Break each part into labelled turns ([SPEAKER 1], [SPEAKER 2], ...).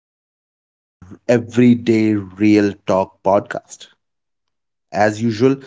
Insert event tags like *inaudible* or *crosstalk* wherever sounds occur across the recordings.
[SPEAKER 1] welcome back to the Everyday Real Talk podcast. As usual,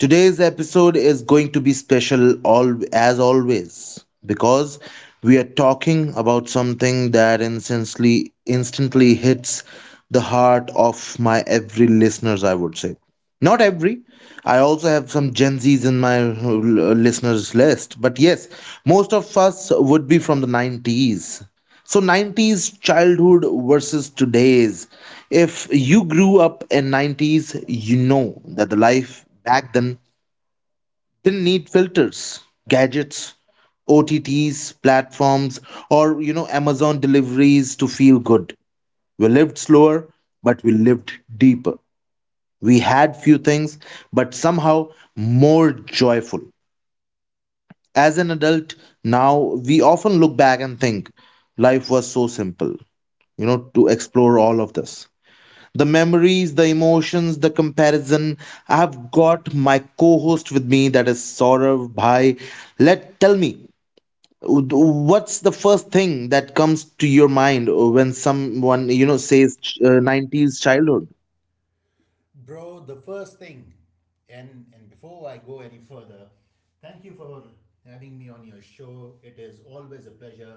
[SPEAKER 1] today's episode is going to be special, all, as always, because we are talking about something that instantly, instantly hits the heart of my every listeners, I would say. Not every. I also have some Gen Zs in my listeners list, but yes, most of us would be from the 90s, so 90s childhood versus today's. If you grew up in 90s, you know that the life back then didn't need filters, gadgets, OTTs, platforms, or Amazon deliveries to feel good. We lived slower, but we lived deeper. We had few things, but somehow more joyful. As an adult, now we often look back and think life was so simple. To explore all of this, the memories, the emotions, the comparison, I've got my co-host with me, that is Saurav Bhai. Let tell me, what's the first thing that comes to your mind when someone says, 90s childhood?
[SPEAKER 2] Bro, the first thing, and before I go any further, thank you for having me on your show. It is always a pleasure.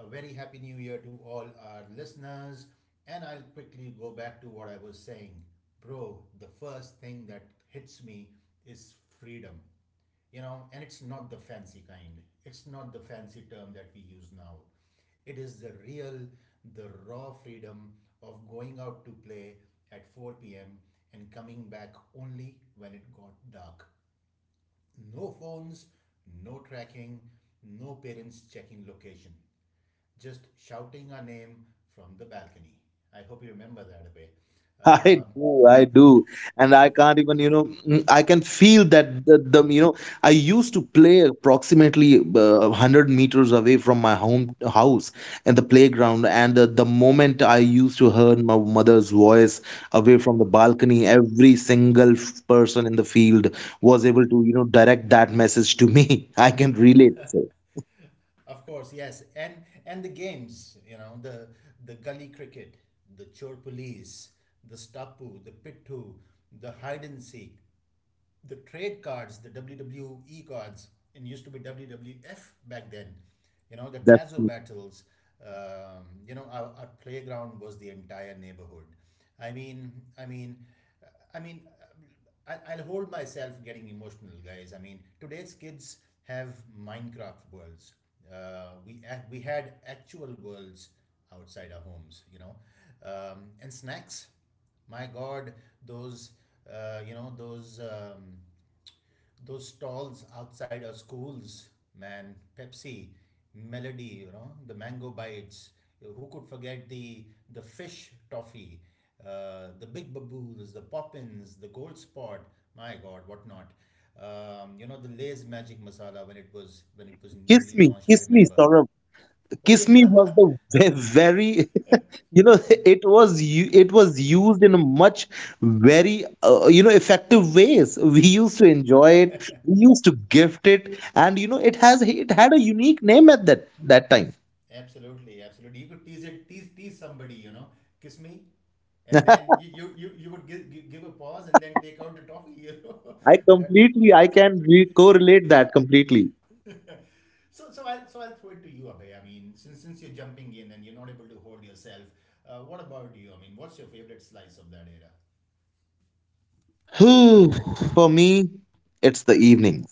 [SPEAKER 2] A very happy new year to all our listeners. And I'll quickly go back to what I was saying. Bro, the first thing that hits me is freedom, you know, and it's not the fancy kind. It's not the fancy term that we use now. It is the real, the raw freedom of going out to play at 4 p.m. and coming back only when it got dark. No phones, no tracking, no parents checking location, just shouting our name from the balcony. I hope you remember that a bit.
[SPEAKER 1] *laughs*
[SPEAKER 2] um,
[SPEAKER 1] I do, and I can't even, I can feel that I used to play approximately 100 meters away from my home house and the playground, and the moment I used to hear my mother's voice away from the balcony, every single person in the field was able to, direct that message to me. *laughs* I can relate. So
[SPEAKER 2] Of course, yes, and the games, you know, the gully cricket, the chor police, the stoppu, the pittu, the hide and seek, the trade cards, the WWE cards, and used to be WWF back then. You know, the
[SPEAKER 1] that's
[SPEAKER 2] Tazo
[SPEAKER 1] me.
[SPEAKER 2] battles. You know, our playground was the entire neighborhood. I mean, I mean, I mean, I'll hold myself getting emotional, guys. I mean, today's kids have Minecraft worlds. We had actual worlds outside our homes, you know, and snacks. My God, those uh, you know those um, those stalls outside our schools, man. Pepsi, Melody, you know, the mango bites. Who could forget the fish toffee, the big baboons, the poppins, the gold spot. My God, what not? You know, the Lay's magic masala when it was
[SPEAKER 1] Kiss
[SPEAKER 2] newly
[SPEAKER 1] me,
[SPEAKER 2] launched. I
[SPEAKER 1] kiss me,
[SPEAKER 2] remember.
[SPEAKER 1] Saurabh.
[SPEAKER 2] Oh
[SPEAKER 1] Kiss
[SPEAKER 2] yeah.
[SPEAKER 1] me was
[SPEAKER 2] *laughs*
[SPEAKER 1] the very, you know *laughs* it was used in a much very, effective ways. *laughs* We used to enjoy it, we used to gift it, and it had a unique name at that time.
[SPEAKER 2] Absolutely, absolutely. You could tease it, tease somebody, you know, kiss me, and then you would give, give a pause and then take out the toffee, you know.
[SPEAKER 1] i
[SPEAKER 2] *laughs* That.
[SPEAKER 1] completely i can correlate that completely.
[SPEAKER 2] *laughs* So I'll throw it to you, Abhay. I mean, since you're jumping in and you're not able to hold yourself, what about you? I mean, what's your favorite slice of that era?
[SPEAKER 1] Whew, for me it's the evening,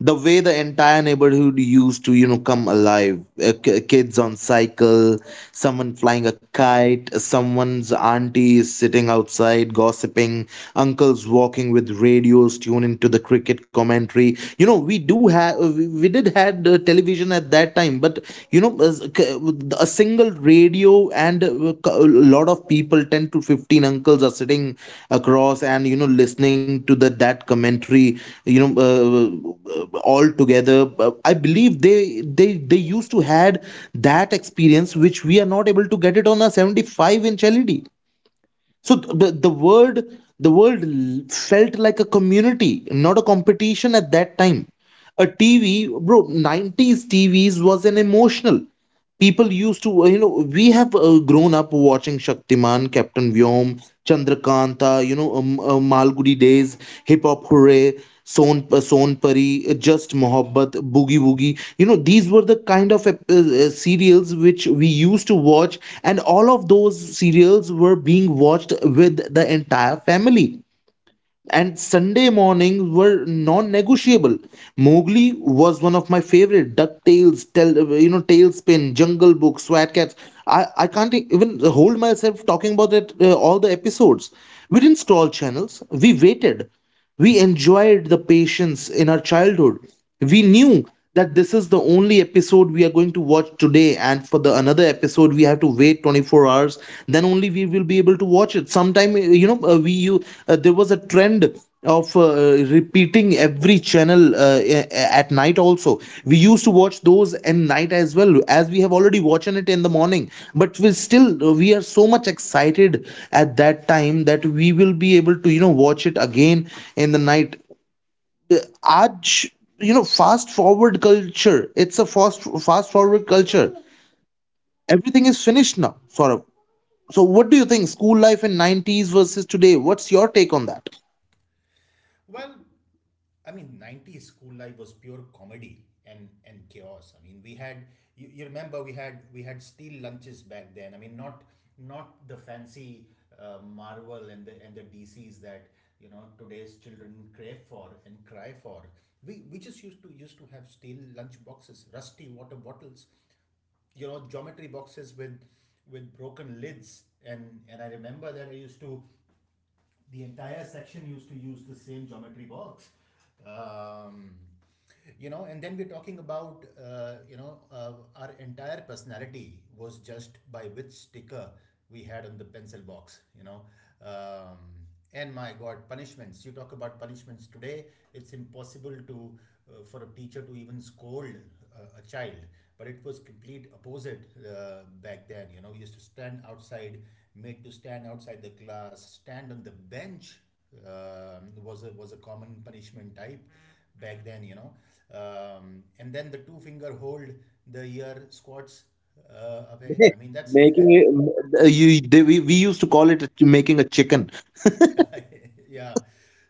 [SPEAKER 1] the way the entire neighborhood used to come alive, kids on cycle, someone flying a kite, someone's auntie is sitting outside gossiping, uncles walking with radios tuned into the cricket commentary. You know we do have we we did had television at that time, but you know as- k- a single radio, and a lot of people, 10 to 15 uncles, are sitting across and listening to the that commentary, you know uh, uh, all together. I believe they they used to had that experience which we are not able to get it on a 75-inch LED. So the world felt like a community, not a competition at that time. A TV, bro, 90s TVs was an emotional. People used to you know We have grown up watching Shaktiman, Captain Vyom, Chandrakanta, Malgudi Days, Hip Hop Hooray, Son Pari, Just Mohabbat, Boogie Woogie. These were the kind of serials which we used to watch, and all of those serials were being watched with the entire family, and Sunday mornings were non-negotiable. Mowgli was one of my favorite. DuckTales, Tailspin, Jungle Book, Swat Cats. I can't even hold myself talking about that all the episodes. We didn't scroll channels. We waited. We enjoyed the patience in our childhood. We knew that this is the only episode we are going to watch today, and for the another episode, we have to wait 24 hours. Then only we will be able to watch it. Sometime, you know, we you there was a trend of repeating every channel at night also. We used to watch those in night as well as we have already watched it in the morning, but we still, we are so much excited at that time that we will be able to watch it again in the night. Aaj, fast forward culture, it's a fast forward culture, everything is finished now, sort of. So what do you think, school life in 90s versus today, what's your take on that?
[SPEAKER 2] Well, I mean, 90s school life was pure comedy and chaos. I mean, we had, you remember, we had steel lunches back then. I mean, not not the fancy Marvel and the DCs that, you know, today's children crave for and cry for. We just used to used to have steel lunch boxes, rusty water bottles, you know, geometry boxes with broken lids. And I remember that I used to the entire section used to use the same geometry box. Um, you know, and then we're talking about, our entire personality was just by which sticker we had on the pencil box, you know. Um, and my God, punishments. You talk about punishments today, it's impossible to for a teacher to even scold a child, but it was complete opposite back then. You know, we used to stand outside, made to stand outside the class, stand on the bench. Was a was a common punishment type back then, you know. And then the two finger hold, the ear squats, away.
[SPEAKER 1] Okay.
[SPEAKER 2] I mean, that's
[SPEAKER 1] Making
[SPEAKER 2] *laughs*
[SPEAKER 1] it, we used to call it making a chicken.
[SPEAKER 2] *laughs* yeah.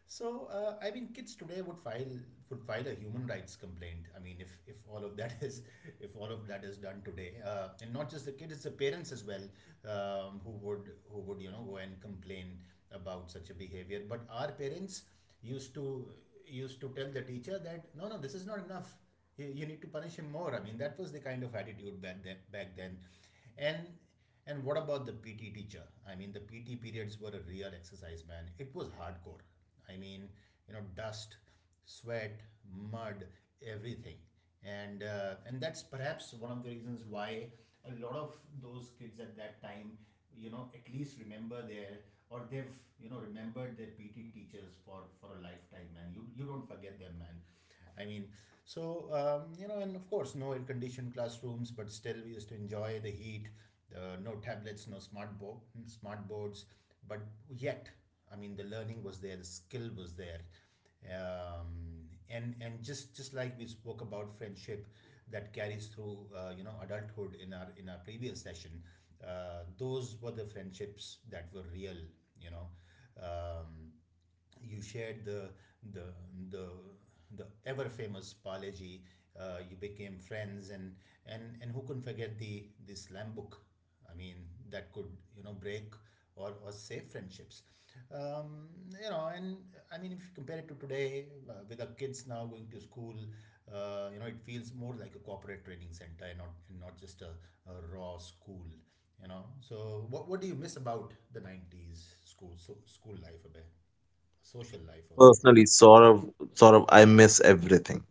[SPEAKER 2] So, I mean, kids today would file, would file a human rights complaint. I mean, if all of that *laughs* is, if all of that is done today, and not just the kid, it's the parents as well, who would, who would you know, go and complain about such a behavior. But our parents used to used to tell the teacher that no, no, this is not enough. You need to punish him more. I mean, that was the kind of attitude back then. Back then, and and what about the PT teacher? I mean, the PT periods were a real exercise, man. It was hardcore. I mean, you know, dust, sweat, mud, everything. And and that's perhaps one of the reasons why a lot of those kids at that time, you know, at least remember their, or they've, you know, remembered their PT teachers for a lifetime, man. You don't forget them, man. I mean, so you know, and of course, no air-conditioned classrooms, but still we used to enjoy the heat. No tablets, no smart boards, but yet, I mean, the learning was there, the skill was there, and just like we spoke about friendship that carries through, you know, adulthood in our previous session. Those were the friendships that were real, you know. Um, you shared the the the ever famous Palaji. You became friends, and and who can forget the slam book? I mean, that could, you know, break or save friendships. Um, you know, and I mean, if you compare it to today, with our kids now going to school, you know, it feels more like a corporate training center and not, and not just a raw school. You know, so what do you miss about the 90s school, so school life a bit? Social life for that
[SPEAKER 1] Personally,
[SPEAKER 2] matter.
[SPEAKER 1] sort of, I miss everything.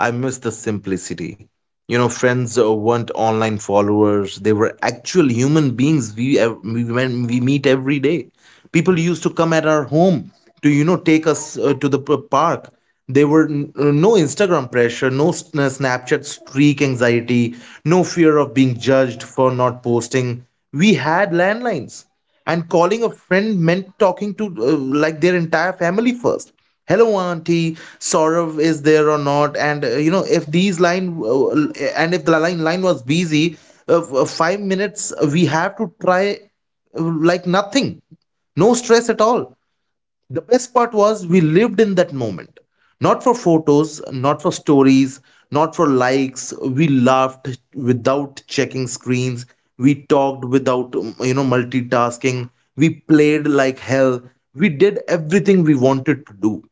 [SPEAKER 1] I miss the simplicity. You know, friends weren't online followers, they were actual human beings we, when we meet every day. People used to come at our home to, take us to the park. There were no Instagram pressure, no Snapchat streak anxiety, no fear of being judged for not posting. We had landlines, and calling a friend meant talking to, like, their entire family first. Hello, auntie, Saurav is there or not? And you know if these line uh, and if the line was busy, 5 minutes we have to try, like, nothing, no stress at all. The best part was we lived in that moment. Not for photos, not for stories, not for likes. We laughed without checking screens. We talked without, multitasking. We played like hell. We did everything we wanted to do.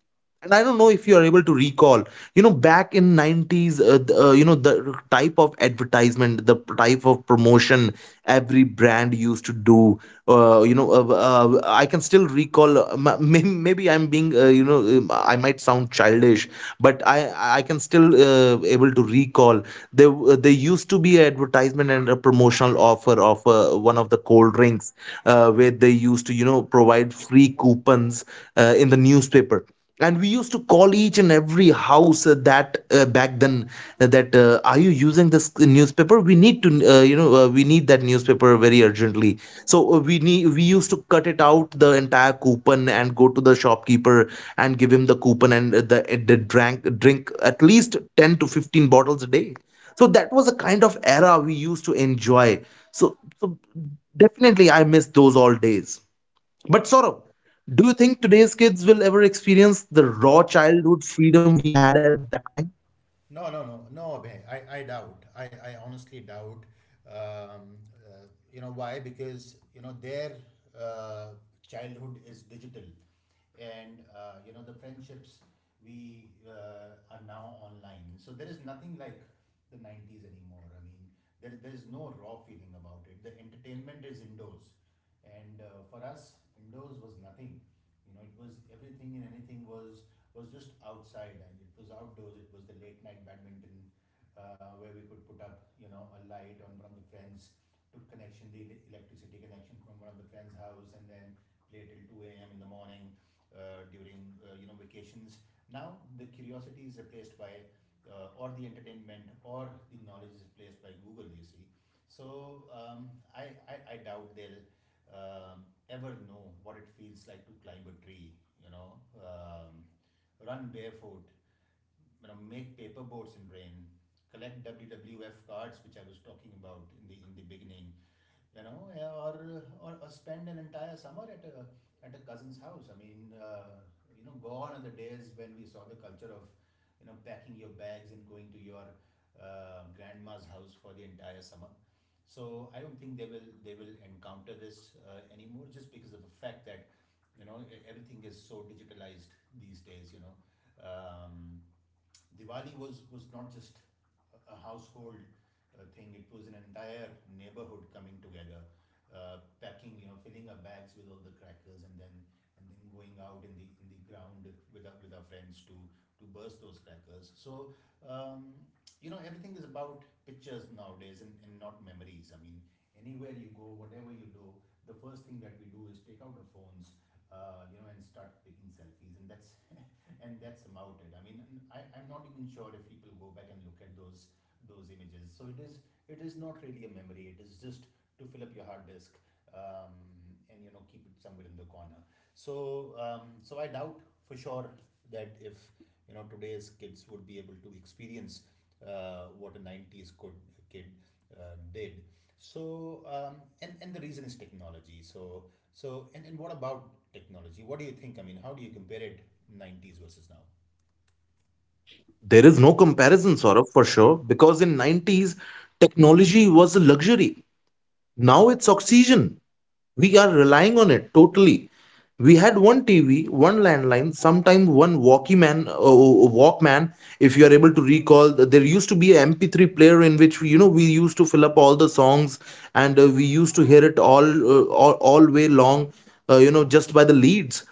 [SPEAKER 1] And I don't know if you are able to recall, back in 90s, the type of advertisement, the type of promotion every brand used to do. I can still recall, maybe I'm being, I might sound childish, but I can still, able to recall. There used to be an advertisement and a promotional offer of, one of the cold drinks, where they used to provide free coupons, in the newspaper. And we used to call each and every house, that back then that are you using this newspaper? We need to, we need that newspaper very urgently. So we used to cut it out, the entire coupon, and go to the shopkeeper and give him the coupon, and the drank drink at least 10 to 15 bottles a day. So that was a kind of era we used to enjoy. So, definitely I miss those all days, but Saurabh, do you think today's kids will ever experience the raw childhood freedom we had at that time?
[SPEAKER 2] No, no, no, no, Abhay. I doubt. I honestly doubt. Um, uh, you know why? Because, you know, their uh, childhood is digital, and you know, the friendships we are now online. So there is nothing like the 90s anymore. I mean, there is no raw feeling about it. The entertainment is indoors, and for us, indoors was nothing. You know, it was everything, and anything was just outside, and it was outdoors. It was the late night badminton, where we could put up, you know, a light on one of the friends, took connection, the electricity connection from one of the friends' house, and then play till 2 a.m. in the morning, during you know, vacations. Now the curiosity is replaced by, or the entertainment, or the knowledge is replaced by Google, you see. So I doubt they'll um, ever know what it feels like to climb a tree, you know, run barefoot, you know, make paper boats in rain, collect WWF cards, which I was talking about in the beginning, you know. Yeah, or or spend an entire summer at a cousin's house. I mean, you know, gone are the days when we saw the culture of, you know, packing your bags and going to your grandma's house for the entire summer. So I don't think they will, they will encounter this anymore, just because of the fact that, you know, everything is so digitalized these days. You know, um, Diwali was not just household thing. It was an entire neighborhood coming together, packing, you know, filling our bags with all the crackers, and then, and then going out in the, in the ground with our friends to burst those crackers. So um, you know, everything is about pictures nowadays, and not memories. I mean, anywhere you go, whatever you do, the first thing that we do is take out our phones, you know, and start taking selfies, and that's *laughs* and that's about it. I mean, I'm not even sure if people go back and look at those images. So it is, it is not really a memory. It is just to fill up your hard disk, um, and, you know, keep it somewhere in the corner. So so I doubt, for sure, that if, you know, today's kids would be able to experience what a 90s could, kid did. So and the reason is technology. So so, and what about technology? What do you think? I mean, how do you compare it, 90s versus now?
[SPEAKER 1] There is no comparison, Saurabh, for sure, because in 90s technology was a luxury. Now it's oxygen. We are relying on it totally. We had one TV, one landline, sometimes one walkman. If you are able to recall, there used to be an MP3 player in which we, you know we used to fill up all the songs, and we used to hear it all, all way long, just by the leads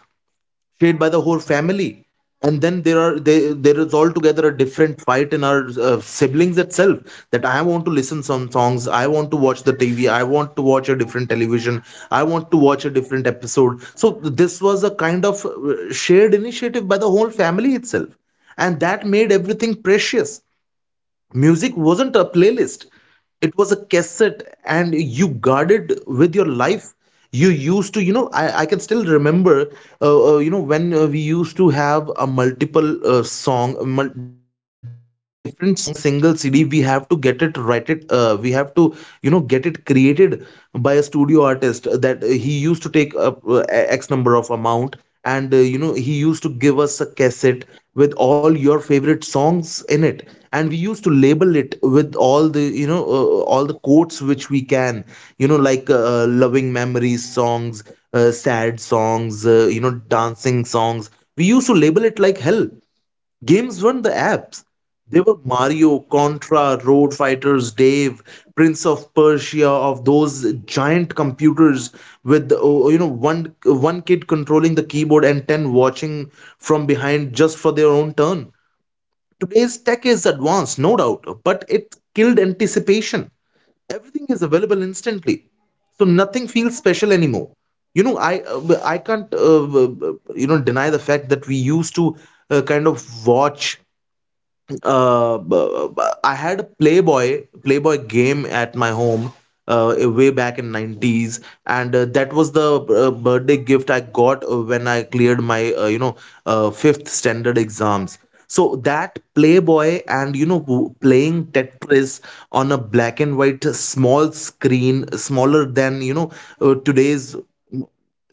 [SPEAKER 1] shared by the whole family. And then there is altogether a different fight in our siblings itself, that I want to listen some songs, I want to watch the TV, I want to watch a different television, I want to watch a different episode. So this was a kind of, shared initiative by the whole family itself, and that made everything precious. Music wasn't a playlist, it was a cassette, and you guarded with your life. You used to you know i, I can still remember, when we used to have a multiple song mul- different songs in a single CD. We have to get it, write it, we have to, get it created by a studio artist, that he used to take up, x number of amount, and he used to give us a cassette with all your favorite songs in it, and we used to label it with all the, all the quotes which we can, loving memories songs, sad songs, dancing songs. We used to label it like hell. Games weren't the apps. They were Mario, Contra, Road Fighters, Dave, Prince of Persia, of those giant computers with, oh, one kid controlling the keyboard and 10 watching from behind just for their own turn. Today's tech is advanced, no doubt, but it killed anticipation. Everything is available instantly, so nothing feels special anymore. You know, I can't, deny the fact that we used to, kind of watch, I had a Playboy game at my home, way back in 90s, and that was the, birthday gift I got when I cleared my, fifth standard exams. So that Playboy and playing Tetris on a black and white small screen, smaller than, today's,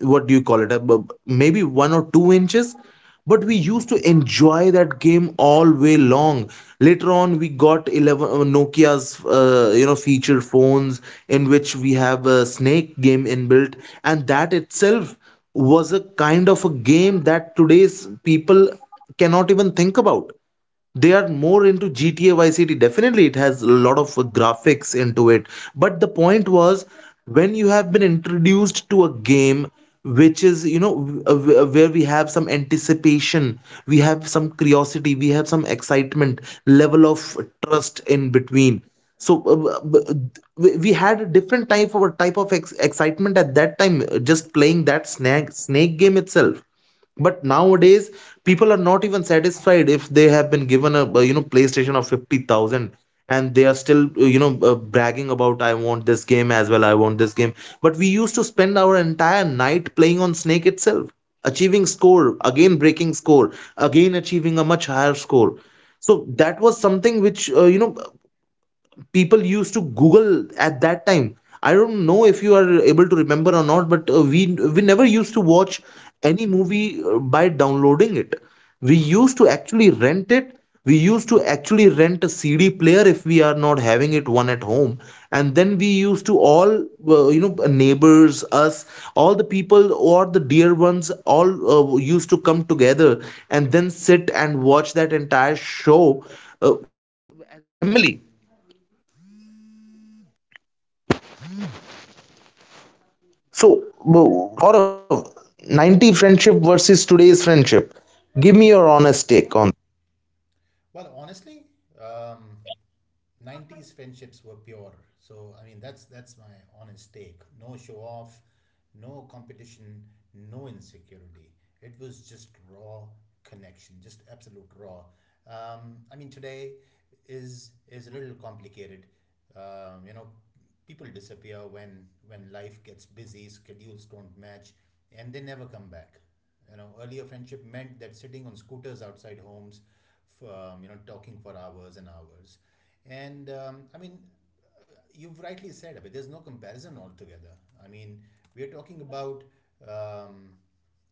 [SPEAKER 1] what do you call it, maybe 1 or 2 inches. But we used to enjoy that game all way long. Later on we got 11 Nokia's feature phones in which we have a snake game inbuilt. And that itself was a kind of a game that today's people cannot even think about. They are more into GTA Vice City. Definitely, it has a lot of graphics into it. But the point was, when you have been introduced to a game which is, where we have some anticipation, we have some curiosity, we have some excitement level of trust in between. So we had a different type of excitement at that time, just playing that snake game itself. But nowadays, people are not even satisfied if they have been given a, playstation of 50,000, and they are still, bragging about I want this game as well, I want this game. But we used to spend our entire night playing on snake itself, achieving score, again breaking score, again achieving a much higher score. So that was something which, people used to google at that time. I don't know if you are able to remember or not, but we never used to watch any movie, by downloading it. We used to actually rent it. We used to actually rent a CD player if we are not having it one at home. And then we used to all, uh, you know neighbors, us, all the people or the dear ones all, used to come together and then sit and watch that entire show
[SPEAKER 2] Well, honestly, um, 90s friendships were pure. So I mean, that's my honest take. No show off, no competition, no insecurity. It was just raw connection, just absolute raw. I mean, today is a little complicated. You know, people disappear when life gets busy, schedules don't match, and they never come back. You know, earlier friendship meant that sitting on scooters outside homes, you know, talking for hours and hours. And I mean, uh, you've rightly said, Abhay, there's no comparison altogether. I mean, we're talking about, um,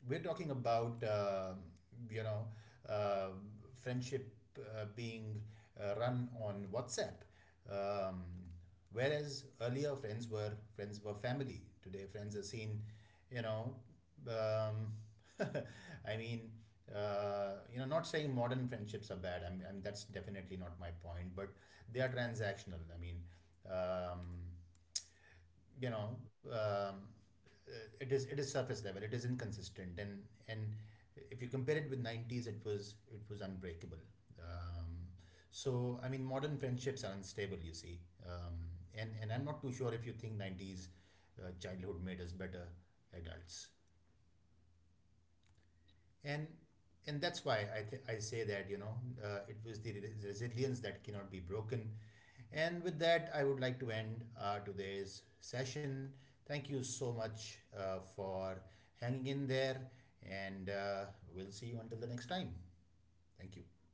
[SPEAKER 2] we're talking about um you know, uh, friendship being run on WhatsApp, um, whereas earlier friends were, friends were family. Today, friends are seen, you know, um, *laughs* I mean, you know, not saying modern friendships are bad. I mean, that's definitely not my point, but they are transactional. I mean, um, you know, it is, it is surface level. It is inconsistent, and if you compare it with '90s, it was, it was unbreakable. Um, so I mean, modern friendships are unstable. You see, um, and I'm not too sure if you think '90s childhood made us better adults. And and that's why I say that, you know, it was the resilience that cannot be broken. And with that, I would like to end today's session. Thank you so much for hanging in there, and we'll see you until the next time. Thank you.